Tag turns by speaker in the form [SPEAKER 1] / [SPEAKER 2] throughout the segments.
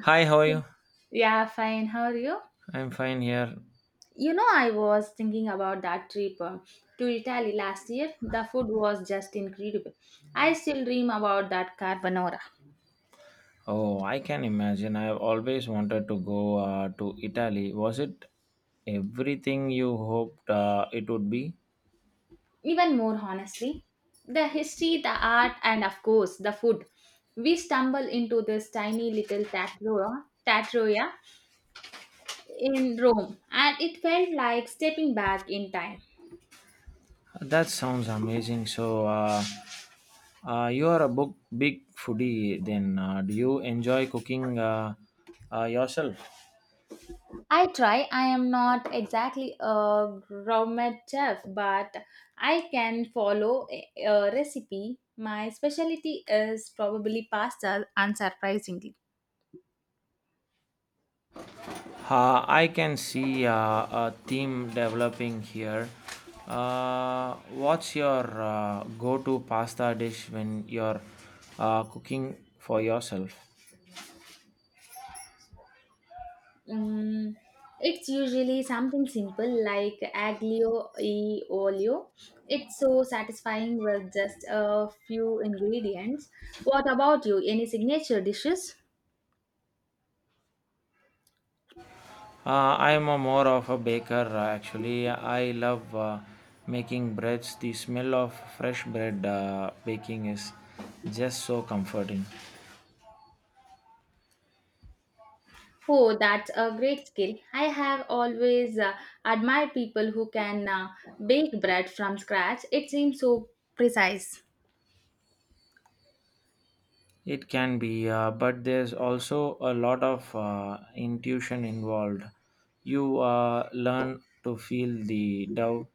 [SPEAKER 1] Hi, how are you?
[SPEAKER 2] Yeah, fine. How are you?
[SPEAKER 1] I'm fine here.
[SPEAKER 2] You know, I was thinking about that trip to Italy last year. The food was just incredible. I still dream about that carbonara.
[SPEAKER 1] Oh, I can imagine. I've always wanted to go to Italy. Was it everything you hoped it would be?
[SPEAKER 2] Even more honestly, the history, the art, and of course, the food. We stumble into this tiny little tatro, tatroia in Rome, and it felt like stepping back in time.
[SPEAKER 1] That sounds amazing. So, you are a book, Big foodie then. Do you enjoy cooking yourself?
[SPEAKER 2] I try. I am not exactly a gourmet chef, but I can follow a recipe. My specialty is probably pasta, unsurprisingly.
[SPEAKER 1] I can see a theme developing here. What's your go to pasta dish when you're cooking for yourself?
[SPEAKER 2] Mm, it's usually something simple like aglio e olio. It's so satisfying with just a few ingredients. What about you? Any signature dishes?
[SPEAKER 1] I'm a more of a baker actually. I love making breads. The smell of fresh bread baking is just so comforting.
[SPEAKER 2] Oh, that's a great skill. I have always admired people who can bake bread from scratch. It seems so precise.
[SPEAKER 1] It can be, but there's also a lot of intuition involved. You learn to feel the dough.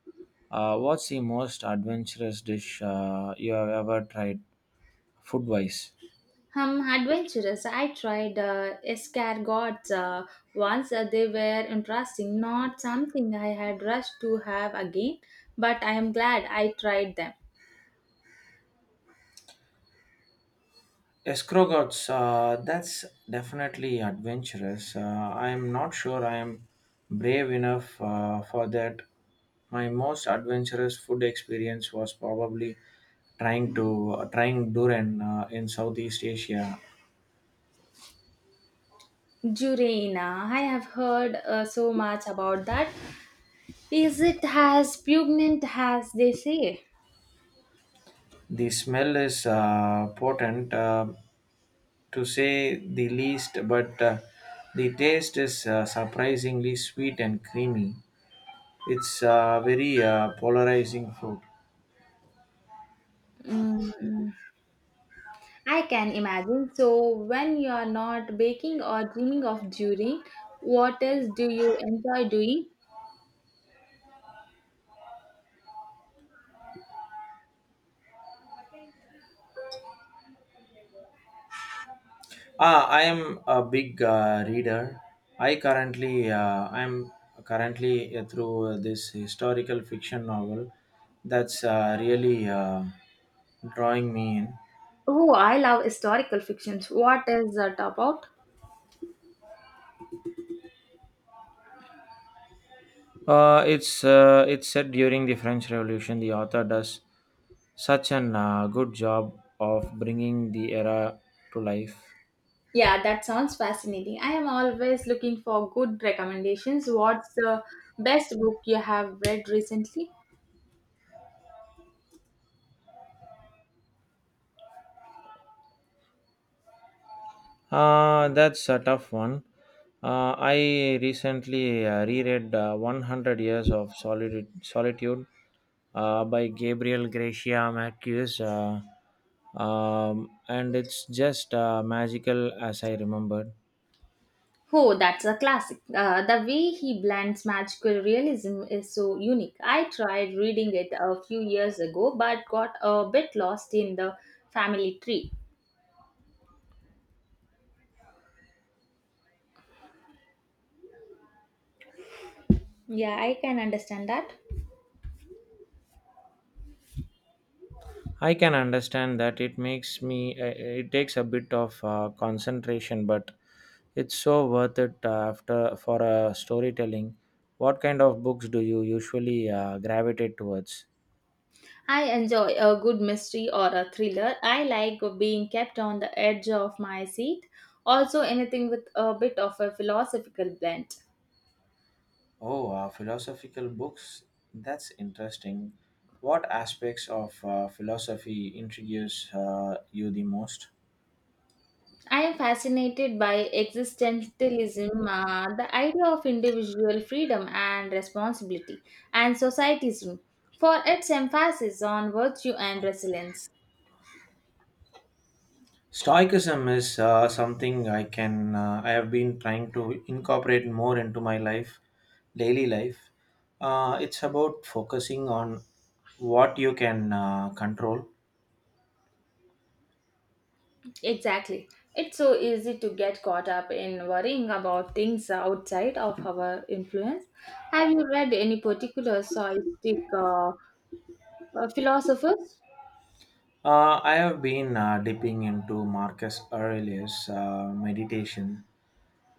[SPEAKER 1] What's the most adventurous dish you have ever tried food wise?
[SPEAKER 2] Adventurous. I tried escargots once. They were interesting, not something I had rushed to have again, but I am glad I tried them.
[SPEAKER 1] Escrow gods, that's definitely adventurous. I'm not sure I am brave enough for that. My most adventurous food experience was probably trying durian in Southeast Asia.
[SPEAKER 2] Jurena, I have heard so much about that. Is it as pungent as they say?
[SPEAKER 1] The smell is potent, to say the least, but the taste is surprisingly sweet and creamy. It's a very polarizing fruit.
[SPEAKER 2] Mm. I can imagine. So, when you are not baking or dreaming of during, what else do you enjoy doing?
[SPEAKER 1] Ah, I am a big reader. I'm currently through this historical fiction novel that's really drawing me in.
[SPEAKER 2] Oh, I love historical fictions. What is that about?
[SPEAKER 1] It's set during the French Revolution. The author does such an good job of bringing the era to life.
[SPEAKER 2] Yeah, that sounds fascinating. I am always looking for good recommendations. What's the best book you have read recently?
[SPEAKER 1] That's a tough one. I recently reread 100 Years of Solitude by Gabriel Gracia Marquez, and it's just magical as I remembered.
[SPEAKER 2] Oh, that's a classic. The way he blends magical realism is so unique. I tried reading it a few years ago but got a bit lost in the family tree. Yeah, I can understand that.
[SPEAKER 1] I can understand that it makes me, it takes a bit of concentration, but it's so worth it after for storytelling. What kind of books do you usually gravitate towards?
[SPEAKER 2] I enjoy a good mystery or a thriller. I like being kept on the edge of my seat. Also, anything with a bit of a philosophical blend.
[SPEAKER 1] Oh, philosophical books. That's interesting. What aspects of philosophy intrigues you the most?
[SPEAKER 2] I am fascinated by existentialism, the idea of individual freedom and responsibility, and societism for its emphasis on virtue and resilience.
[SPEAKER 1] Stoicism is something I have been trying to incorporate more into my life, daily life. It's about focusing on what you can control.
[SPEAKER 2] Exactly. It's so easy to get caught up in worrying about things outside of our influence. Have you read any particular stoic uh, philosophers?
[SPEAKER 1] I have been dipping into Marcus Aurelius' meditation.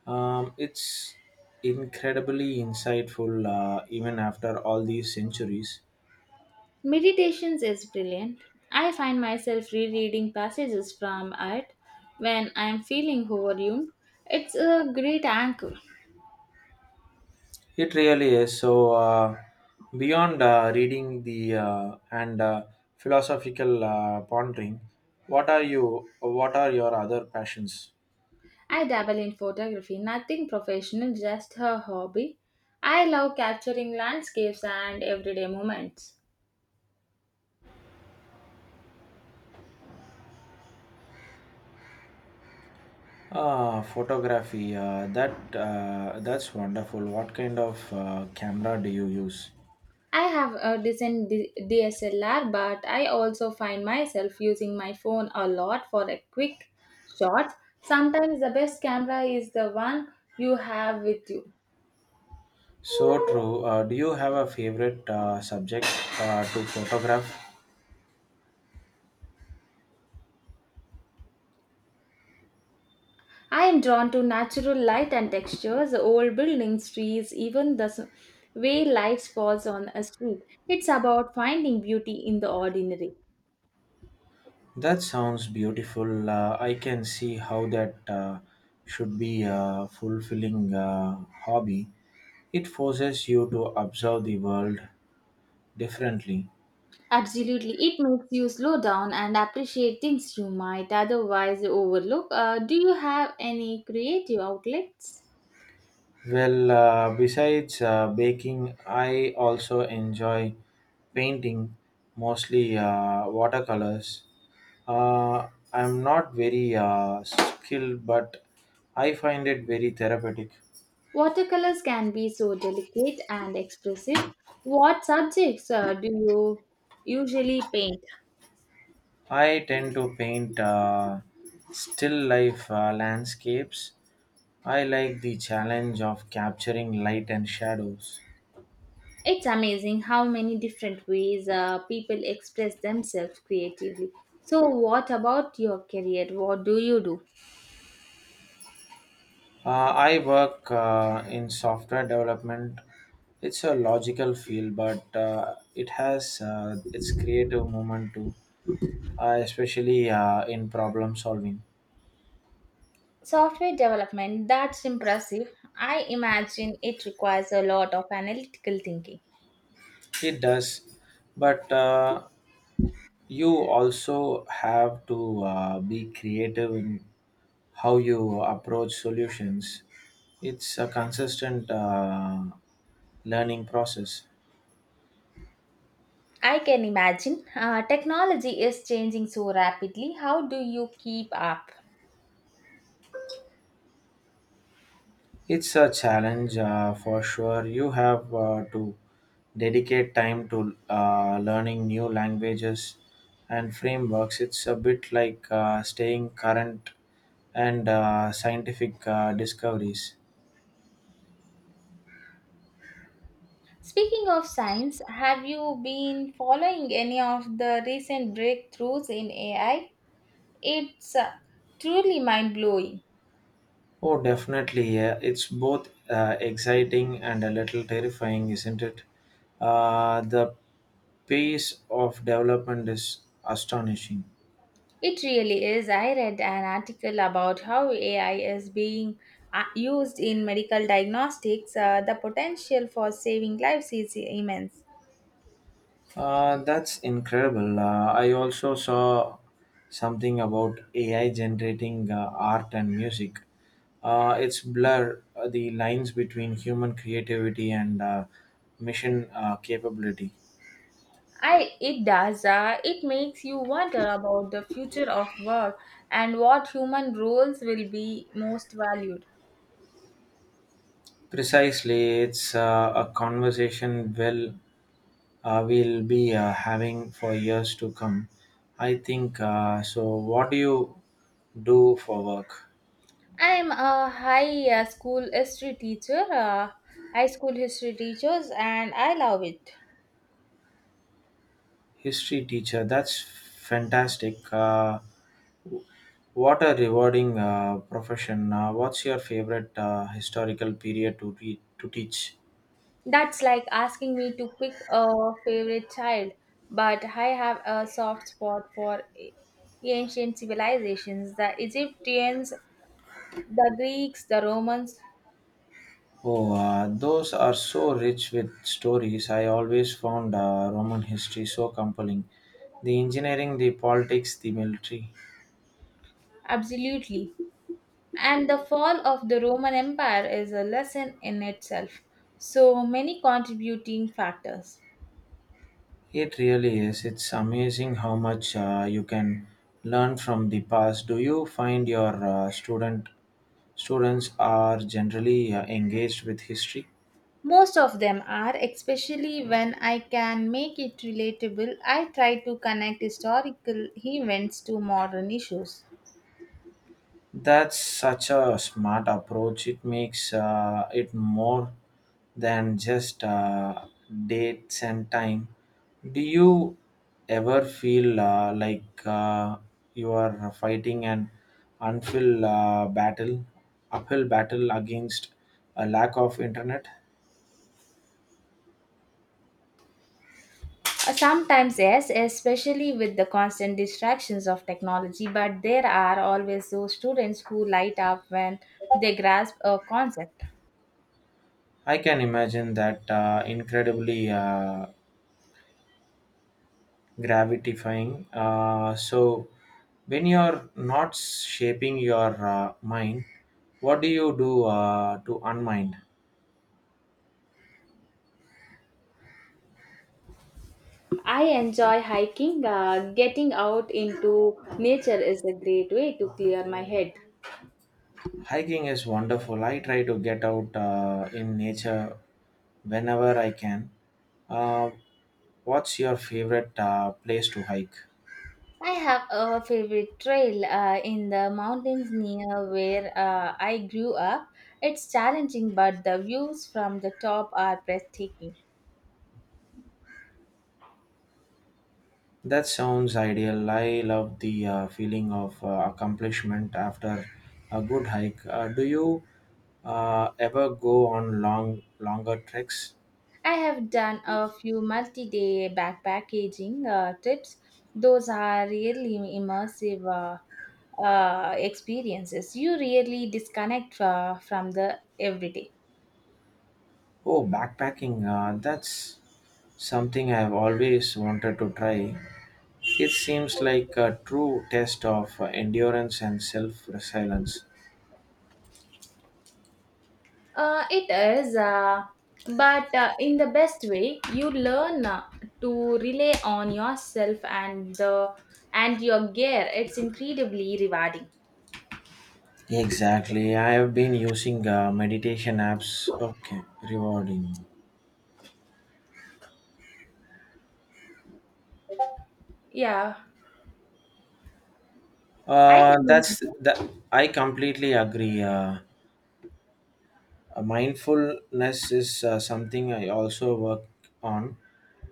[SPEAKER 1] It's incredibly insightful, even after all these centuries.
[SPEAKER 2] Meditations is brilliant. I find myself rereading passages from it when I am feeling overwhelmed. It's a great anchor.
[SPEAKER 1] It really is. So, beyond reading the and philosophical pondering, What are your other passions?
[SPEAKER 2] I dabble in photography, nothing professional, just a hobby. I love capturing landscapes and everyday moments.
[SPEAKER 1] Ah, photography. That's wonderful. What kind of camera do you use?
[SPEAKER 2] I have a decent DSLR, but I also find myself using my phone a lot for a quick shot. Sometimes the best camera is the one you have with you.
[SPEAKER 1] So true. Do you have a favorite subject to photograph?
[SPEAKER 2] I am drawn to natural light and textures, old buildings, trees, even the way light falls on a street. It's about finding beauty in the ordinary.
[SPEAKER 1] That sounds beautiful. I can see how that should be a fulfilling hobby. It forces you to observe the world differently.
[SPEAKER 2] Absolutely, it makes you slow down and appreciate things you might otherwise overlook. Do you have any creative outlets?
[SPEAKER 1] Well, besides baking, I also enjoy painting, mostly watercolors. Uh, I'm not very skilled, but I find it very therapeutic.
[SPEAKER 2] Watercolors can be so delicate and expressive. What subjects do you usually paint?
[SPEAKER 1] I tend to paint still life landscapes. I like the challenge of capturing light and shadows.
[SPEAKER 2] It's amazing how many different ways people express themselves creatively. So, what about your career? What do you do?
[SPEAKER 1] I work in software development. It's a logical field, but it has its creative moment too, especially in problem solving.
[SPEAKER 2] Software development, that's impressive. I imagine it requires a lot of analytical thinking.
[SPEAKER 1] It does, but you also have to be creative in how you approach solutions. It's a consistent learning process.
[SPEAKER 2] I can imagine. Technology is changing so rapidly. How do you keep up?
[SPEAKER 1] It's a challenge for sure. You have to dedicate time to learning new languages and frameworks. It's a bit like staying current and scientific discoveries.
[SPEAKER 2] Speaking of science, have you been following any of the recent breakthroughs in AI? It's truly mind blowing.
[SPEAKER 1] Oh, definitely. Yeah. It's both exciting and a little terrifying, isn't it? The pace of development is astonishing.
[SPEAKER 2] It really is. I read an article about how AI is being used in medical diagnostics. The potential for saving lives is immense.
[SPEAKER 1] That's incredible. I also saw something about AI generating art and music. It's blur the lines between human creativity and mission capability.
[SPEAKER 2] I it does. It makes you wonder about the future of work and what human roles will be most valued.
[SPEAKER 1] Precisely, it's a conversation we'll be having for years to come. I think so. What do you do for work?
[SPEAKER 2] I'm a high school history teacher, High school history teachers, and I love it.
[SPEAKER 1] History teacher. That's fantastic. What a rewarding profession. What's your favorite historical period to teach?
[SPEAKER 2] That's like asking me to pick a favorite child, but I have a soft spot for ancient civilizations the Egyptians, the Greeks, the Romans,
[SPEAKER 1] Oh, those are so rich with stories. I always found Roman history so compelling. The engineering, the politics, the military.
[SPEAKER 2] absolutely. And the fall of the Roman Empire is a lesson in itself. So many contributing factors.
[SPEAKER 1] It really is. It's amazing how much you can learn from the past. Do you find your students are generally engaged with history?
[SPEAKER 2] Most of them are, especially when I can make it relatable. I try to connect historical events to modern issues.
[SPEAKER 1] That's such a smart approach. It makes it more than just dates and time. Do you ever feel like you are fighting an unfilled uh, battle, uphill battle against a lack of internet?
[SPEAKER 2] Sometimes, yes, especially with the constant distractions of technology, but there are always those students who light up when they grasp a concept.
[SPEAKER 1] I can imagine that incredibly gravitifying. So, when you're not shaping your mind, what do you do to unmind?
[SPEAKER 2] I enjoy hiking. Getting out into nature is a great way to clear my head.
[SPEAKER 1] Hiking is wonderful. I try to get out in nature whenever I can. Uh, what's your favorite place to hike?
[SPEAKER 2] I have a favorite trail in the mountains near where I grew up. It's challenging, but the views from the top are breathtaking.
[SPEAKER 1] That sounds ideal. I love the feeling of accomplishment after a good hike. Do you ever go on longer treks?
[SPEAKER 2] I have done a few multi day backpacking trips, those are really immersive. Experiences you really disconnect from the everyday.
[SPEAKER 1] Oh, backpacking, that's something I've always wanted to try. It seems like a true test of endurance and self resilience.
[SPEAKER 2] It is, but in the best way, you learn to rely on yourself and the and your gear. It's incredibly rewarding.
[SPEAKER 1] Exactly. I have been using meditation apps. Okay, rewarding.
[SPEAKER 2] Yeah, I can
[SPEAKER 1] That's
[SPEAKER 2] imagine.
[SPEAKER 1] that. I completely agree. Mindfulness is something I also work on.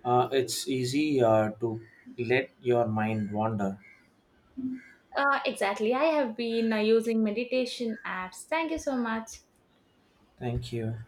[SPEAKER 1] It's easy to let your mind wander.
[SPEAKER 2] Exactly. I have been using meditation apps. Thank you so much.
[SPEAKER 1] Thank you.